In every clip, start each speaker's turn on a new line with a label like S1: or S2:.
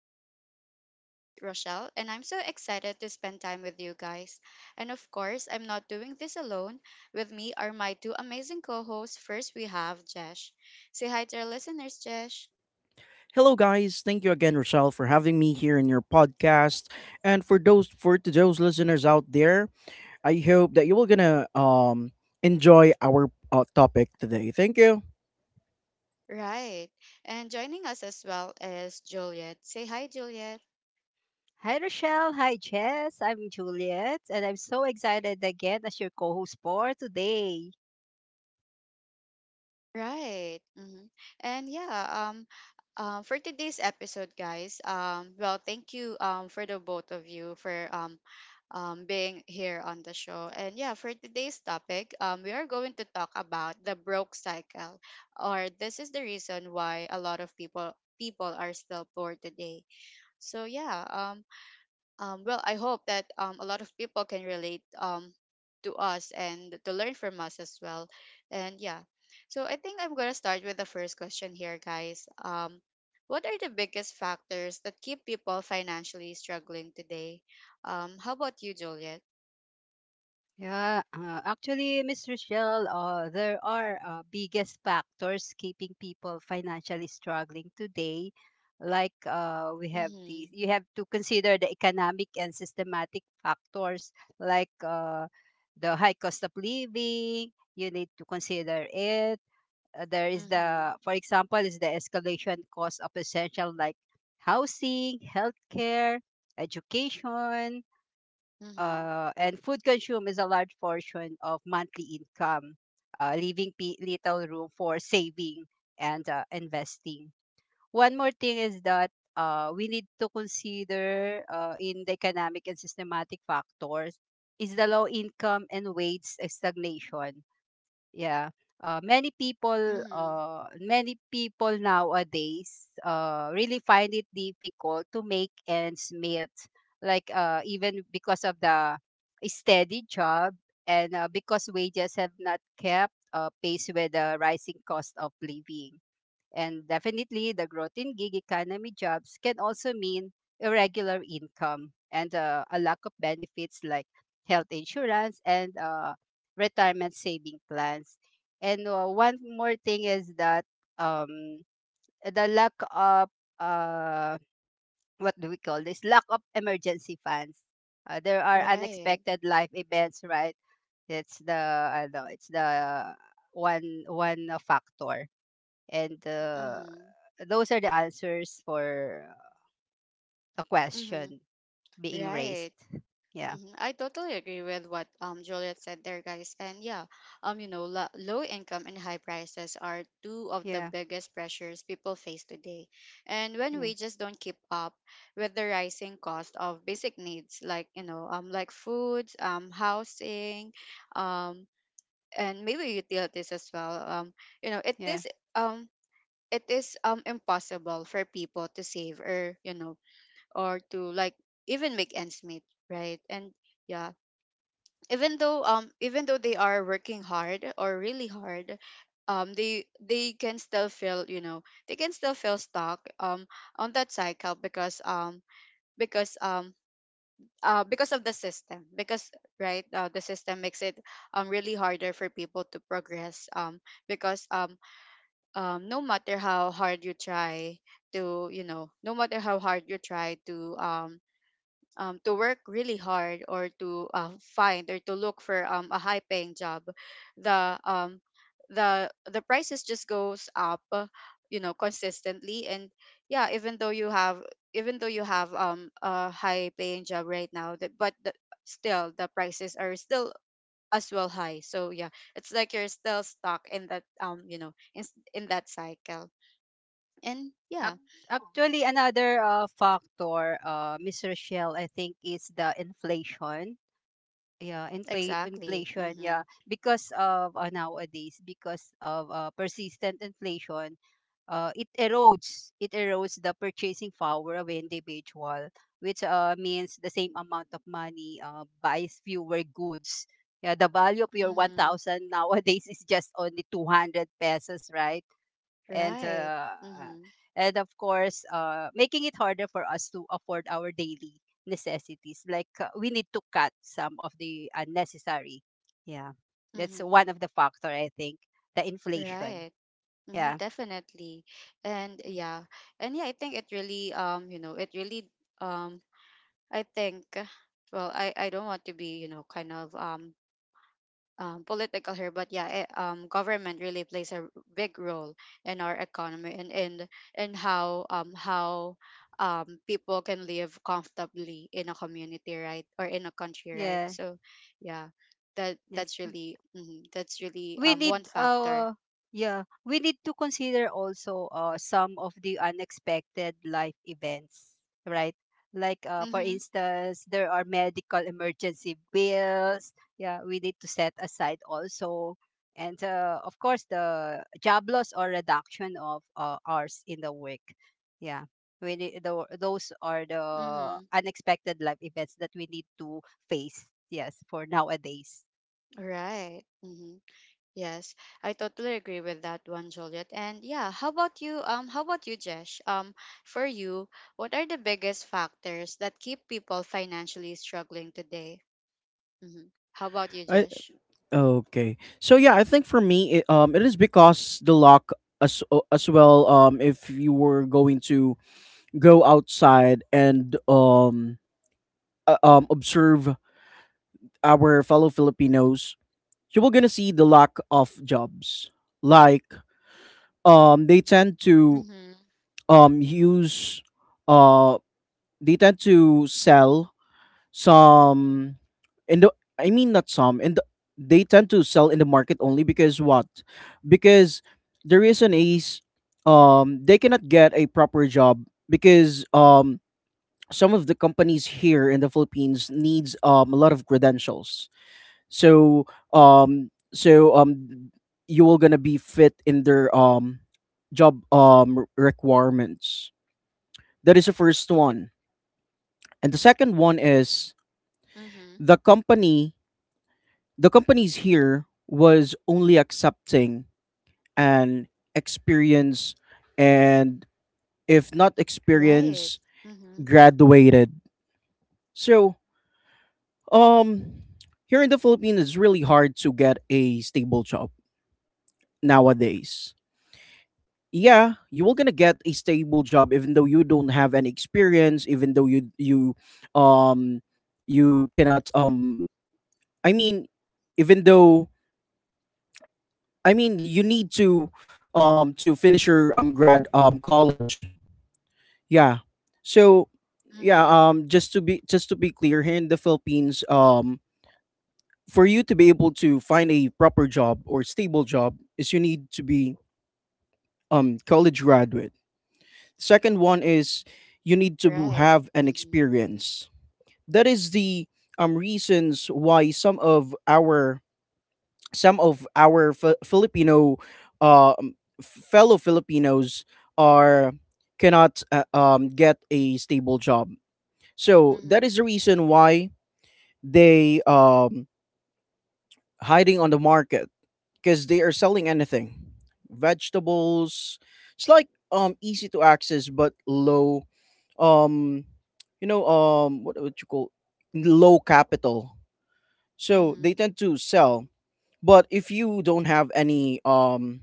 S1: Talks. I'm your host, Rochelle, and I'm so excited to spend time with you guys. And of course, I'm not doing this alone. With me are my two amazing co hosts. First, we have Jesh. Say hi to our listeners, Jesh.
S2: Hello, guys. Thank you again, Rochelle, for having me here in your podcast. And for those for to those listeners out there, I hope that you will gonna enjoy our topic today. Thank you.
S1: Right. And joining us as well is Juliet. Say hi, Juliet.
S3: Hi, Rochelle. Hi, Jess. I'm Juliet, and I'm so excited again as your co host for today.
S1: Right. And yeah, for today's episode, guys, well, thank you, for the both of you for being here on the show. And yeah, for today's topic, we are going to talk about the broke cycle, or this is the reason why a lot of people are still poor today. So yeah, well, I hope that a lot of people can relate to us and to learn from us as well. And yeah, so I think I'm going to start with the first question here, guys. What are the biggest factors that keep people financially struggling today? How about you, Juliet?
S3: Yeah, actually, Miss Rochelle, there are biggest factors keeping people financially struggling today. Like we have
S1: Mm-hmm.
S3: you have to consider the economic and systematic factors like the high cost of living. You need to consider it. There is
S1: Mm-hmm.
S3: the, for example, is the escalation cost of essential like housing, healthcare, education,
S1: Mm-hmm.
S3: and food consumed is a large portion of monthly income, leaving little room for saving and investing. One more thing is that we need to consider, in the economic and systematic factors, is the low income and wage stagnation, yeah. Many people
S1: Mm-hmm.
S3: nowadays really find it difficult to make ends meet, like even because of the steady job, and because wages have not kept pace with the rising cost of living. And definitely, the growth in gig economy jobs can also mean irregular income and a lack of benefits like health insurance and retirement saving plans. And one more thing is that um, the lack of uh, what do we call this? Lack of emergency funds. There are
S1: Right.
S3: unexpected life events, right? It's the, I know it's the one factor. And
S1: Mm-hmm.
S3: those are the answers for a
S1: Mm-hmm.
S3: question being raised.
S1: Right.
S3: Yeah,
S1: Mhm. I totally agree with what Juliet said there, guys. And yeah, you know, low income and high prices are two of the
S3: yeah,
S1: biggest pressures people face today. And when
S3: yeah,
S1: wages don't keep up with the rising cost of basic needs, like you know, like foods, housing, um, and maybe utilities as well. You know,
S3: yeah.
S1: um, it is impossible for people to save or you know, or to like even make ends meet, right? And yeah, even though they are working hard or really hard, they can still feel you know they can still feel stuck on that cycle because um because of the system, because right the system makes it really harder for people to progress, because no matter how hard you try to you know no matter how hard you try to work really hard or to find or to look for a high paying job, the um, the prices just goes up, you know, consistently. And yeah, even though you have even though you have a high paying job right now that but the, still the prices are still as well high. So yeah, it's like you're still stuck in that you know in, in that cycle. And yeah,
S3: Ac- Actually, another factor, Miss Rochelle, I think, is the inflation, yeah.
S1: exactly.
S3: Inflation,
S1: Mm-hmm.
S3: yeah, because of nowadays, because of persistent inflation, it erodes the purchasing power of individual, which means the same amount of money buys fewer goods. Yeah, the value of your
S1: Mm-hmm.
S3: 1000 nowadays is just only 200 pesos, right? And
S1: Right.
S3: uh,
S1: Mm-hmm.
S3: and of course, making it harder for us to afford our daily necessities, like we need to cut some of the unnecessary, yeah. That's
S1: Mm-hmm.
S3: one of the factor, I think, the inflation,
S1: Right. Hmm,
S3: yeah.
S1: definitely. And
S3: Mm.
S1: yeah. And yeah, I think it really you know, it really um I think well, I don't want to be, you know, kind of political here, but yeah, government really plays a big role in our economy and how people can live comfortably in a community, right, or in a country, right?
S3: Yeah,
S1: So, yeah,
S3: yes,
S1: that's really that's really
S3: we need
S1: one factor.
S3: yeah, we need to consider also some of the unexpected life events, right? Like for
S1: Mm-hmm,
S3: instance, there are medical emergency bills, yeah, we need to set aside also. And of course, the job loss or reduction of hours in the work, yeah. We need, those are the
S1: mm-hmm.
S3: unexpected life events that we need to phase, yes, for nowadays.
S1: Right. Mm-hmm. Yes, I totally agree with that one, Juliet. And yeah, how about you? How about you, Jesh? For you, what are the biggest factors that keep people financially struggling today? Mm-hmm. How about you,
S2: I,
S1: Jesh?
S2: okay. So yeah, I think for me, it is because the lock as well. If you were going to go outside and observe our fellow Filipinos, you were gonna see the lack of jobs like they tend to
S1: Mm-hmm.
S2: use uh they tend to sell some in the I mean not some in the they tend to sell in the market only because what? Because the reason is they cannot get a proper job because some of the companies here in the Philippines needs a lot of credentials so um so um you will gonna be fit in their job requirements. That is the first one, and the second one is
S1: Mm-hmm.
S2: the company the companies here was only accepting an experience, and if not
S1: Right.
S2: experience,
S1: Mm-hmm.
S2: graduated. So um here in the Philippines it's really hard to get a stable job nowadays. Yeah, you will gonna get a stable job even though you don't have any experience, even though um you cannot I mean even though I mean you need to finish your grad college. Yeah. So yeah,
S1: Mm-hmm.
S2: just to be clear here in the Philippines, for you to be able to find a proper job or stable job is you need to be college graduate. Second one is you need to
S1: Right.
S2: have an
S1: Mm-hmm.
S2: experience. That is the reasons why some of our Filipino uh, um, fellow Filipinos are cannot get a stable job. So that
S1: Mm-hmm.
S2: is the reason why they hiding on the market because they are selling anything, vegetables. It's like easy to access but low um you know, what would you call, low capital, so
S1: Mm-hmm.
S2: they tend to sell. But if you don't have any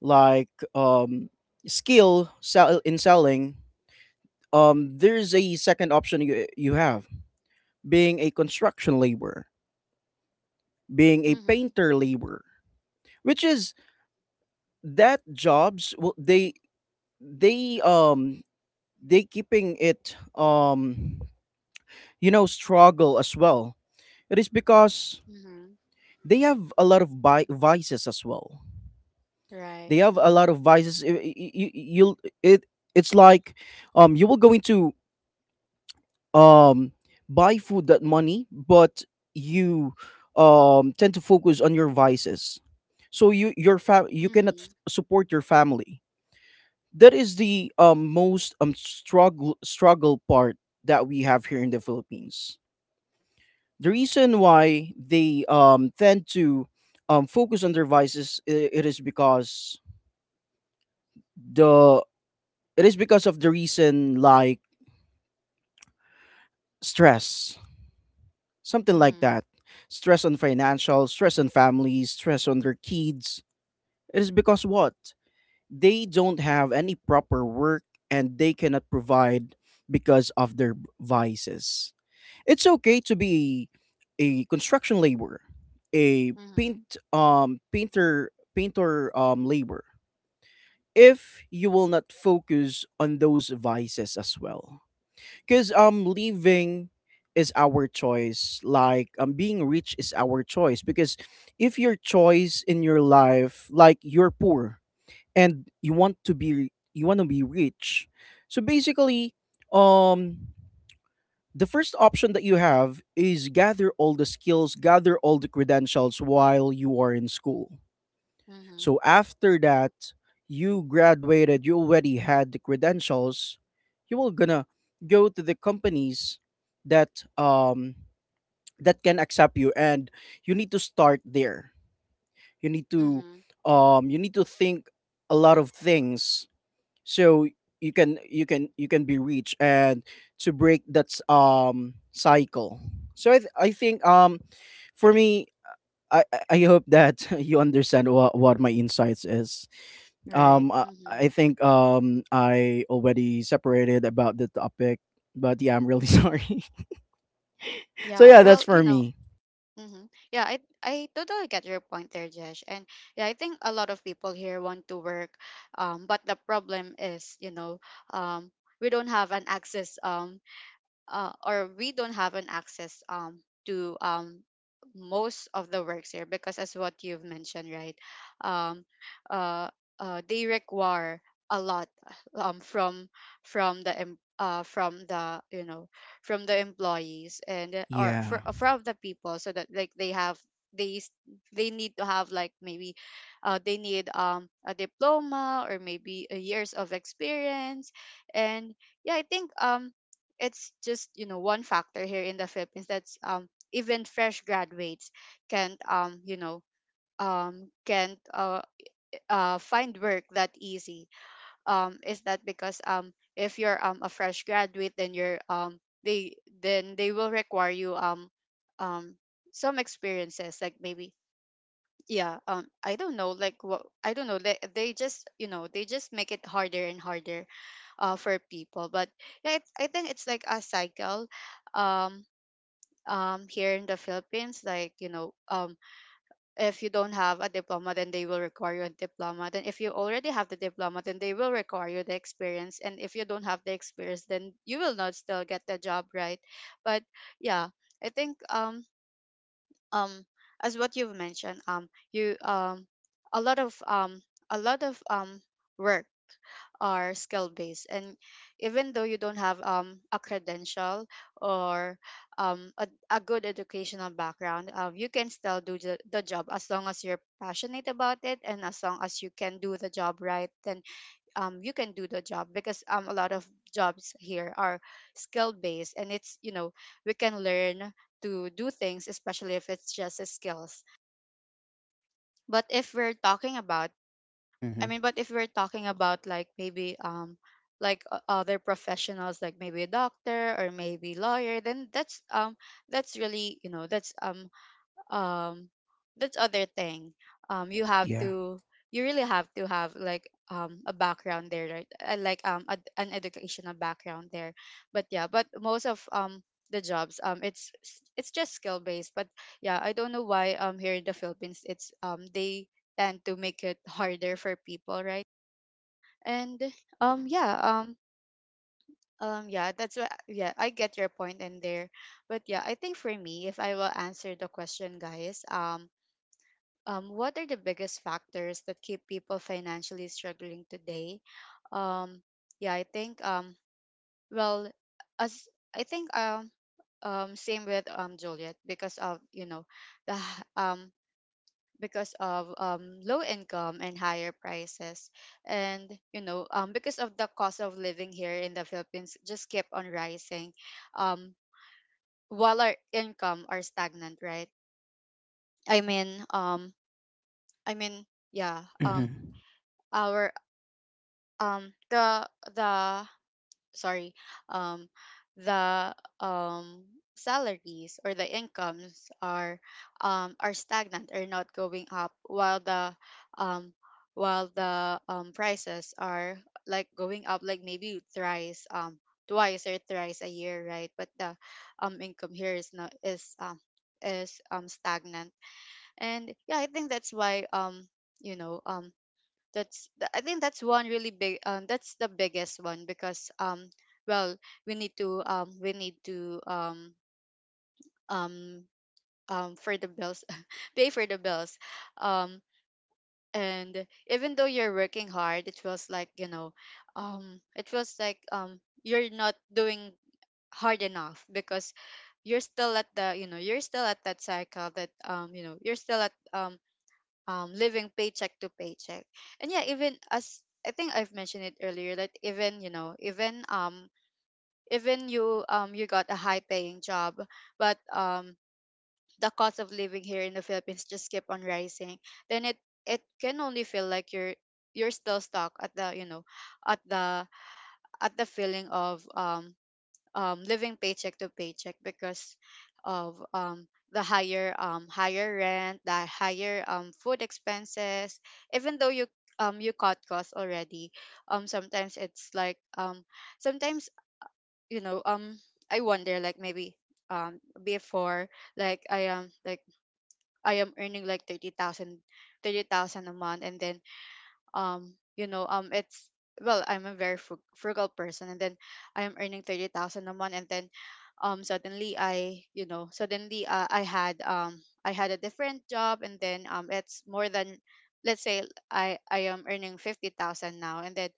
S2: like um skill sell in selling, there's a second option you you have: being a construction laborer, being a
S1: Mm-hmm.
S2: painter laborer, which is that jobs will they um they keeping it you know, struggle as well. It is because
S1: Mm-hmm.
S2: they have a lot of vices as well.
S1: Right.
S2: They have a
S1: Mm-hmm.
S2: lot of vices you, you, you'll it It's like you will go into um buy food that money, but you tend to focus on your vices, so you cannot
S1: Mm-hmm.
S2: support your family. That is the most struggle part that we have here in the Philippines. The reason why they tend to focus on their vices, it is because the it is because of the reason like stress, something like
S1: Mm-hmm.
S2: that. Stress on financial, stress on families, stress on their kids. It is because what? They don't have any proper work, and they cannot provide because of their vices. It's okay to be a construction laborer, a
S1: Mm-hmm.
S2: painter labor, if you will not focus on those vices as well. Cause leaving is our choice. Like being rich is our choice. Because if your choice in your life, like you're poor and you want to be rich. So basically, um the first option that you have is gather all the skills, gather all the credentials while you are in school.
S1: Mm-hmm.
S2: So after that, you graduated, you already had the credentials, you will gonna go to the companies that that can accept you, and you need to start there. You need to
S1: Mm-hmm.
S2: you need to think a lot of things, so you can be rich and to break that cycle. So I think for me, I hope that you understand what my insights is.
S1: Right. Mm-hmm.
S2: I think I already separated about the topic, but yeah, I'm really sorry. So
S1: Yeah,
S2: yeah, that's
S1: well,
S2: for
S1: you know,
S2: me.
S1: mm-hmm. Yeah, I totally get your point there, Jesh. And yeah, I think a lot of people here want to work, but the problem is, you know, um, we don't have an access or we don't have an access to most of the works here because as what you've mentioned, right? um uh, they require a lot um from from the from the you know from the employees and or
S2: Yeah.
S1: for, from the people so that like they have they s- they need to have like maybe they need a diploma or maybe a years of experience. And yeah, I think it's just you know one factor here in the Philippines that's even fresh graduates can't you know can't find work that easy, is that because if you're a fresh graduate then you're they then they will require you um some experiences like maybe, yeah, I don't know like what, I don't know, they just you know they just make it harder and harder for people. But yeah, it's, I think it's like a cycle um here in the Philippines. Like you know if you don't have a diploma then they will require you a diploma, then if you already have the diploma then they will require you the experience, and if you don't have the experience then you will not still get the job, right? But yeah, I think um as what you've mentioned you a lot of um a lot of work are skill based. And even though you don't have a credential or a good educational background, you can still do the job as long as you're passionate about it and as long as you can do the job right. Then you can do the job because a lot of jobs here are skill based, and it's you know we can learn to do things especially if it's just a skills. But if we're talking about,
S2: Mm-hmm.
S1: I mean but if we're talking about like maybe like other professionals like maybe a doctor or maybe lawyer, then that's really you know um that's other thing. You have
S2: Yeah.
S1: to, you really have to have like a background there, right? Like an educational background there. But yeah, but most of the jobs it's just skill based. But yeah, I don't know why here in the Philippines it's they tend to make it harder for people, right? And um yeah um yeah that's what, yeah I get your point in there. But yeah, I think for me if I will answer the question guys, what are the biggest factors that keep people financially struggling today? Um, yeah, I think well, as I think same with Juliet, because of you know the h- um, because of low income and higher prices. And you know because of the cost of living here in the Philippines just kept on rising, um, while our income are stagnant, right? I mean um, I mean yeah,
S2: Mm-hmm.
S1: our um the the sorry um the um salaries or the incomes are stagnant or not going up, um while the prices are like going up like maybe thrice, twice or thrice a year, right? But the income here is not is is stagnant. And yeah, I think that's why you know I think that's one really big that's the biggest one. Because well, we need to um for the bills pay for the bills. um and even though you're working hard, it feels like you know it feels like you're not doing hard enough, because you're still at the you know you're still at that cycle, that you know you're still at living paycheck to paycheck. And yeah, even as I think I've mentioned it earlier, that even you know, even you you got a high paying job, but the cost of living here in the Philippines just keep on rising. Then it can only feel like you're still stuck at the you know at the at the feeling of living paycheck to paycheck, because of the higher higher rent, the higher food expenses. Even though you you cut costs already, sometimes it's like sometimes you know um, I wonder like maybe before like I am like I am earning like 30,000 a month. And then you know it's well, I'm a very frugal person, and then I am earning 30,000 a month. And then suddenly I you know suddenly I had I had a different job, and then it's more than, let's say, I am earning 50,000 now. And then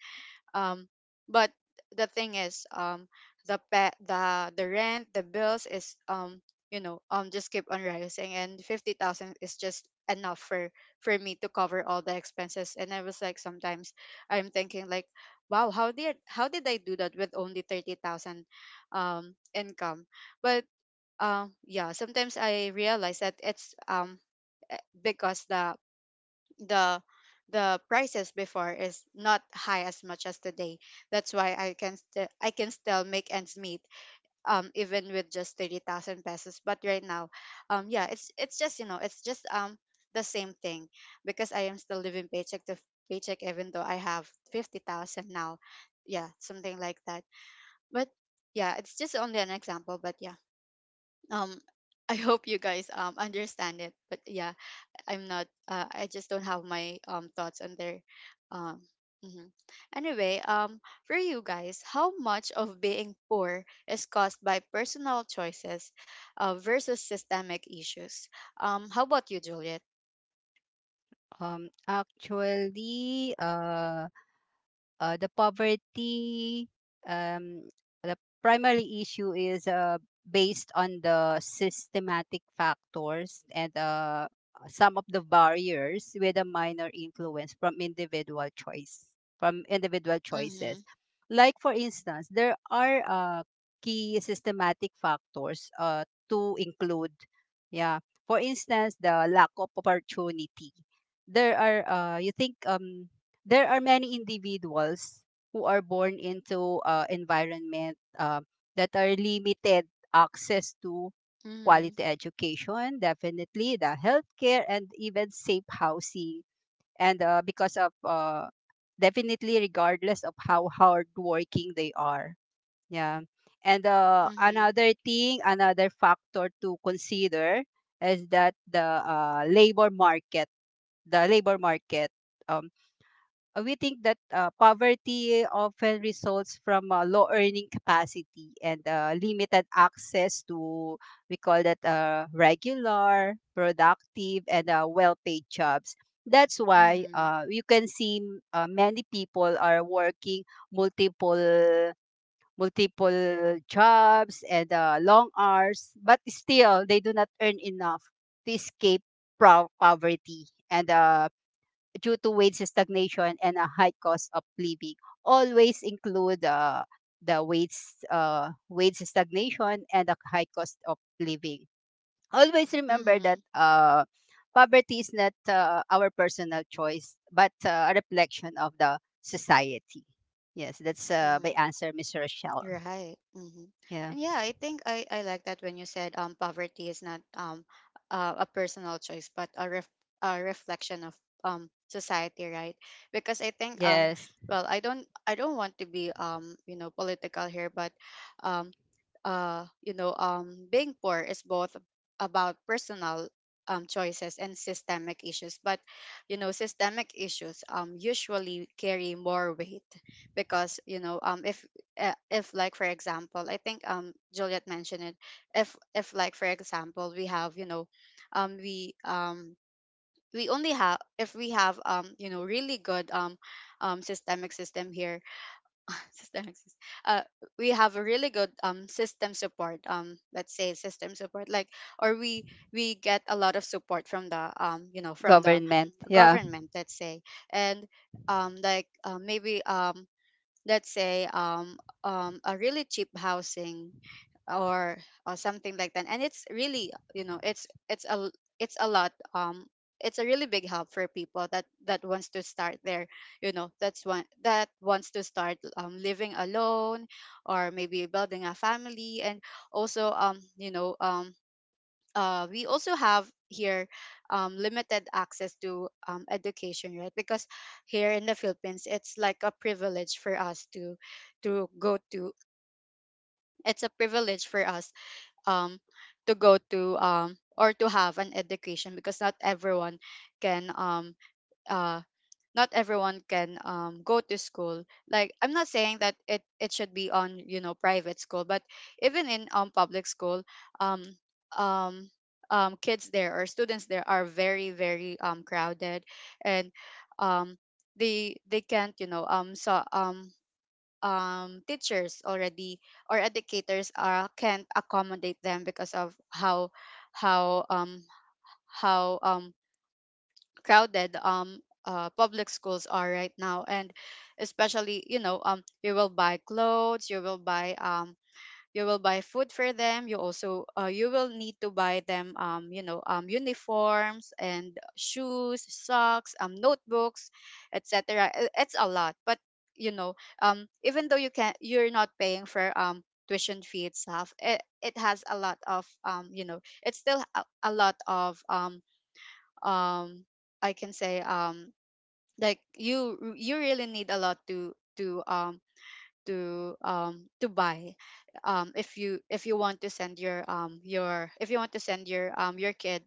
S1: um but the thing is, the rent, the bills is you know just keep on rising, and 50,000 is just enough for me to cover all the expenses. And I was like, sometimes I'm thinking like, wow, how did I do that with only 30,000 income? But yeah, sometimes I realize that it's because the the the prices before is not high as much as today. That's why I can still make ends meet even with just 30,000 pesos. But right now, yeah, it's just the same thing, because I am still living paycheck to paycheck even though I have 50,000 now. Yeah, something like that. But yeah, it's just only an example, but yeah. Um I hope you guys understand it. But yeah, I'm not. I just don't have my thoughts on their um. mhm. Anyway, for you guys, how much of being poor is caused by personal choices, versus systemic issues? How about you, Juliet?
S3: Actually, the poverty, um, the primary issue is based on the systematic factors and some of the barriers, with a minor influence from from individual choices.
S1: Mm-hmm.
S3: Like for instance, there are key systematic factors to include, yeah. For instance, the lack of opportunity. There are, you think there are many individuals who are born into environment that are limited access to
S1: Mm-hmm.
S3: quality education, definitely the healthcare and even safe housing. And because of definitely regardless of how hard working they are, yeah. And
S1: Mm-hmm.
S3: another thing, another factor to consider is that the labor market. um we think that poverty often results from low earning capacity and limited access to, we call that, regular productive and well-paid jobs. That's why you can see many people are working multiple multiple jobs and long hours, but still they do not earn enough to escape poverty, and due to wage stagnation and a high cost of living. Always include the wage wage stagnation and the high cost of living. Always remember
S1: Mm-hmm.
S3: that poverty is not our personal choice, but a reflection of the society. Yes, that's
S1: Mm-hmm.
S3: my answer, Miss Rochelle.
S1: Right. Hmm.
S3: Yeah.
S1: And yeah, I think I like that when you said poverty is not a personal choice but a reflection of society, right? Because I think
S3: Yes.
S1: well, I don't want to be political here, but um being poor is both about personal choices and systemic issues, but systemic issues usually carry more weight, because if if, like, for example, I think Juliet mentioned it, if, for example, we have, you know um we um we only have if we have really good systemic system here, systemic sys- uh we have a really good system support, let's say, system support, like or we get a lot of support from the from the
S3: Government. Yeah.
S1: government, let's say. And like maybe let's say a really cheap housing, or or something like that. And it's really, you know, it's a lot, it's a really big help for people that wants to start their, that wants to start, living alone or maybe building a family. And also we also have here limited access to education, right? Because here in the Philippines, it's like a privilege for us to go to it's a privilege for us um, to go to or to have an education, because not everyone can uh, not everyone can, go to school. Like, I'm not saying that it should be on, you know, private school, but even in public school, um, um, kids there or students there are very very crowded, and um, they can't you know so teachers already or educators are can't accommodate them because of how um how crowded public schools are right now. And especially, you know, you will buy clothes, you will buy food for them, you also you will need to buy them uniforms and shoes, socks, notebooks, etc. It's a lot, but you know, even though you're not paying for tuition fee itself, it has a lot of, it's still a lot of um I can say, like, you really need a lot to to buy, if you want to send your if you want to send your kid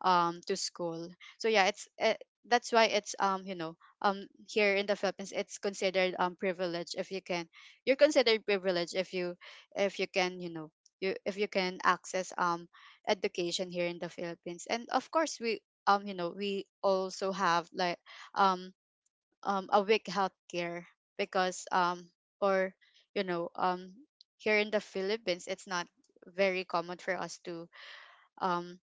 S1: to school. So yeah, that's why it's, here in the Philippines, it's considered privilege if you can, you're considered privileged if you, if you can, you know, you if you can access education here in the Philippines. And of course, we we also have like um a weak healthcare, because or you know here in the Philippines, it's not very common for us to um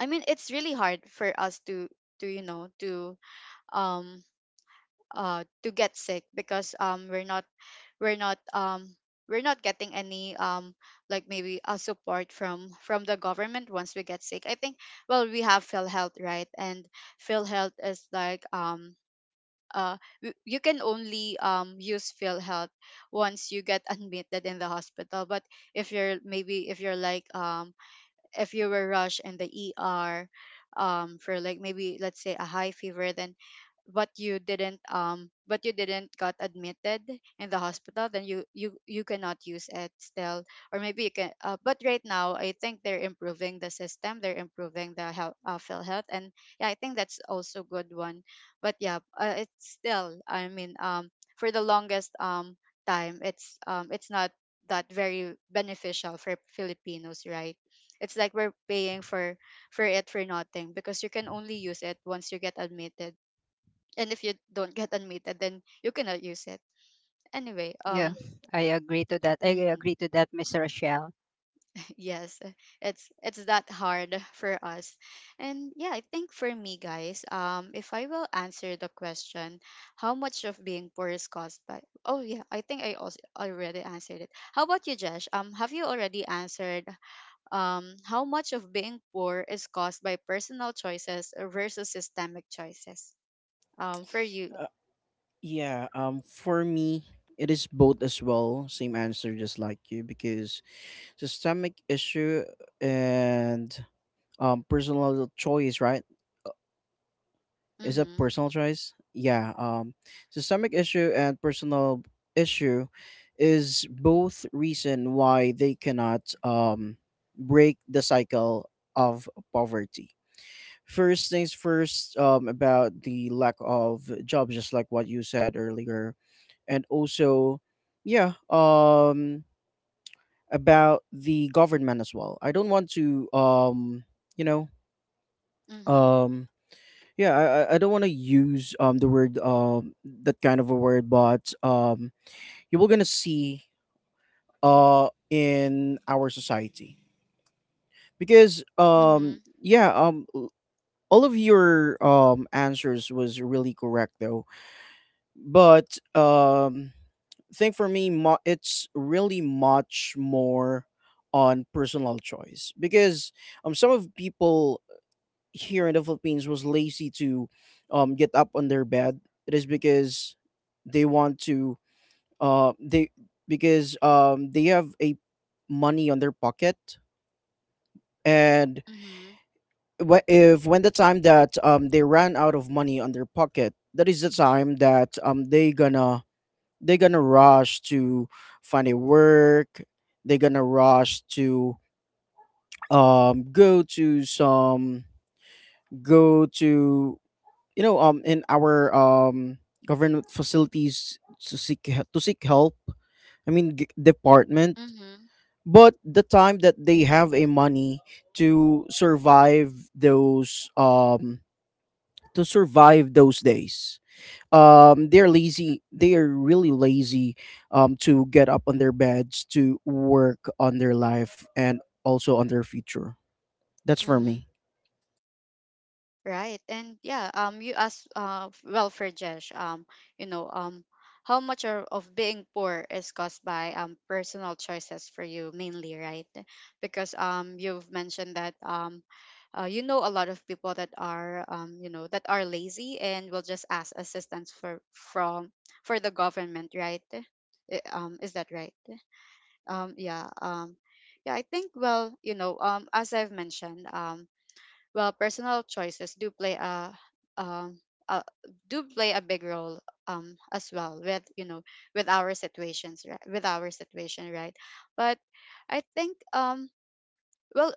S1: I mean, it's really hard for us to to you know to um to get sick, because we're not we're not um we're not getting any like maybe a support from the government once we get sick. I think, well, we have PhilHealth, right? And PhilHealth is like, you can only use field health once you get admitted in the hospital. But if you're, maybe if you're like, if you were rushed in the ER for like maybe, let's say, a high fever, then, but you didn't, but you didn't got admitted in the hospital, then you cannot use it still. Or maybe you can, but right now I think they're improving the system, they're improving the health, phil health and yeah, I think that's also good one. But yeah, it's still, I mean, for the longest time, it's not that very beneficial for Filipinos, right? It's like we're paying for it for nothing, because you can only use it once you get admitted. And if you don't get admitted, then you cannot use it. Anyway,
S3: Yeah. I agree to that. I
S1: mhm,
S3: agree to that, Miss Rochelle.
S1: yes, it's that hard for us. And yeah, I think for me, guys, if I will answer the question, how much of being poor is caused by, oh yeah, I think I also already answered it. How about you, Jesh? Have you already answered how much of being poor is caused by personal choices versus systemic choices. For you.
S2: uh, yeah, for me, it is both as well, same answer just like you, because systemic issue and personal choice, right? Is that
S1: Mm-hmm.
S2: personal choice? Yeah. Systemic issue and personal issue is both reason why they cannot break the cycle of poverty. First things first, about the lack of jobs, just like what you said earlier, and also, yeah, about the government as well. I don't want to you know
S1: Mm-hmm.
S2: um yeah I don't want to use the word that kind of a word, but you will gonna see in our society because
S1: Mm-hmm.
S2: all of your answers was really correct though, but thing for me it's really much more on personal choice because some of people here in the Philippines was lazy to get up on their bed. It is because they want to they because they have a money on their pocket, and
S1: Mm-hmm.
S2: if when the time that they ran out of money on their pocket, that is the time that they gonna rush to find a work, they gonna rush to go to some, go to you know, in our government facilities to seek to seek help, I mean department.
S1: Mm-hmm.
S2: But the time that they have a money to survive those um to survive those days, they're lazy, they are really lazy to get up on their beds to work on their life and also on their future. That's for
S1: Mm-hmm.
S2: me.
S1: Right. And yeah, you asked well, for Jesh, you know, um how much of being poor is caused by personal choices for you mainly, right? Because you've mentioned that you know, a lot of people that are that are lazy and will just ask assistance for from for the government, right? Is that right? Yeah, yeah, I think, well, you know, as I've mentioned, well, personal choices um uh, do play a big role as well with, you know, with our situation, right? But I think well,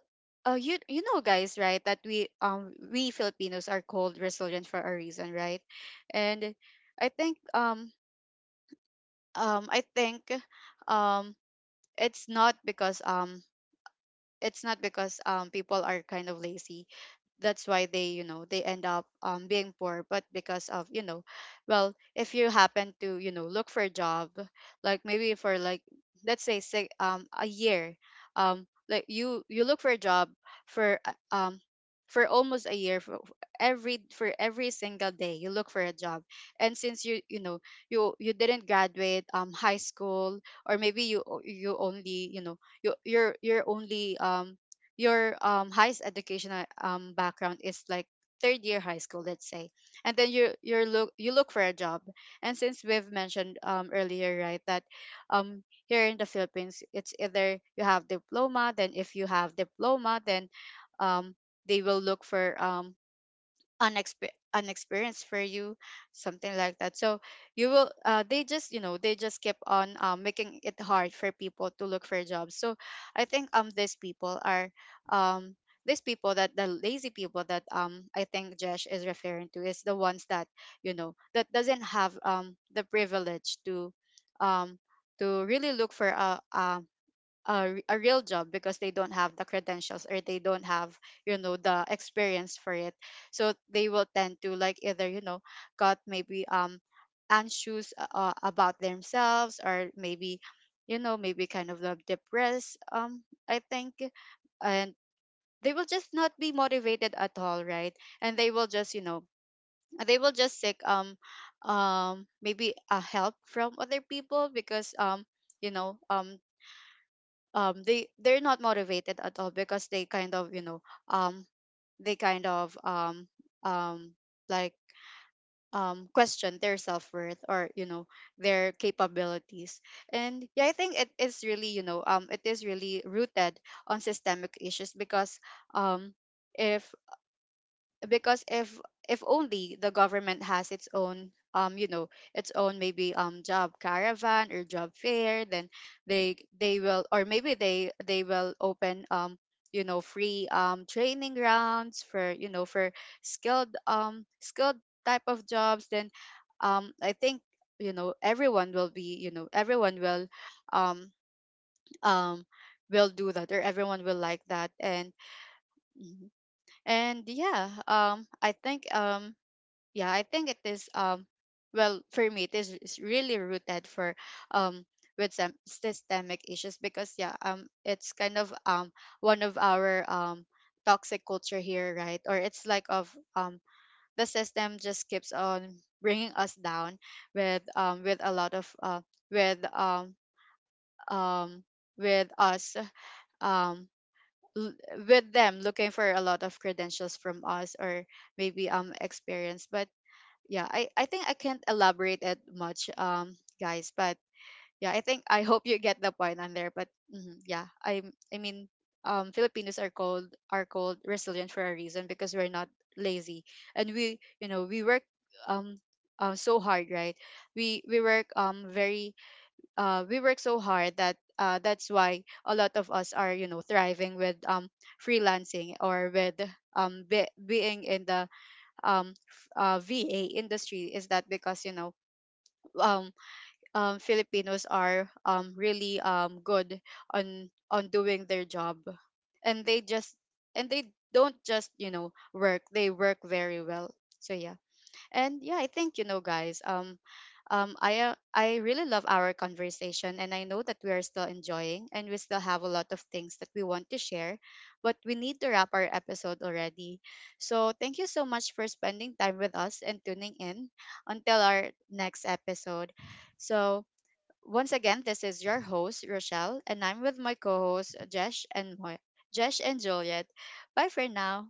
S1: you you know, guys, right, that we Filipinos are called resilient for a reason, right? And I think um I think um it's not because um it's not because people are kind of lazy, that's why they, you know, they end up being poor, but because of, you know, well, if you happen to, you know, look for a job, like maybe for like, let's say, a year, like you look for a job for uh, um for almost a year, for for every single day you look for a job. And since you know, you, didn't graduate high school, or maybe you you only, you know, you you're only your highest educational background is like third year high school, let's say. And then you, you look for a job. And since we've mentioned earlier, right, that here in the Philippines, it's either you have diploma. Then if you have diploma, then um they will look for unexperienced for you, something like that. So you will, they just, you know, they just keep on making it hard for people to look for jobs. So I think these people are um these people that the lazy people that I think Josh is referring to is the ones that, you know, that doesn't have the privilege um to really look for a real job, because they don't have the credentials or they don't have, you know, the experience for it. So they will tend to, like, either, you know, got maybe anxious, about themselves, or maybe, you know, maybe kind of depressed, I think. And they will just not be motivated at all, right? And they will just, you know, they will just seek maybe a help from other people, because you know um they, they're not motivated at all, because they kind of, you know, um they kind of um like question their self-worth, or, you know, their capabilities. And yeah, I think it is really, you know, it is really rooted on systemic issues, because um if because if if only the government has its own, its own, maybe, job caravan or job fair, then they will, or maybe they will open free training grounds for, you know, for skilled skilled type of jobs, then I think, you know, everyone will be, you know, everyone um um will do that, or everyone will like that. And Mhm. And yeah, I think yeah, I think it is well, for me, it is really rooted for um with some systemic issues, because yeah, it's kind of one of our toxic culture here, right? Or it's like of the system just keeps on bringing us down with a lot of with um um with us um l- with them looking for a lot of credentials from us, or maybe experience. But yeah, I think I can't elaborate it much, guys, but yeah, I think I hope you get the point on there. But mhm, yeah, I mean, Filipinos are called resilient for a reason, because we're not lazy, and we, you know, we work um so hard, right? We work very we work so hard, that that's why a lot of us are, you know, thriving with freelancing, or with being in the VA industry. Is that because, you know, um, Filipinos are really good on doing their job, and they just, and they don't just, you know, work, they work very well. So yeah. And yeah, I think, you know, guys, I, I really love our conversation, and I know that we are still enjoying, and we still have a lot of things that we want to share, but we need to wrap our episode already. So thank you so much for spending time with us and tuning in until our next episode. So once again, this is your host Rochelle, and I'm with my co hosts Jesh and Juliet. Bye for now.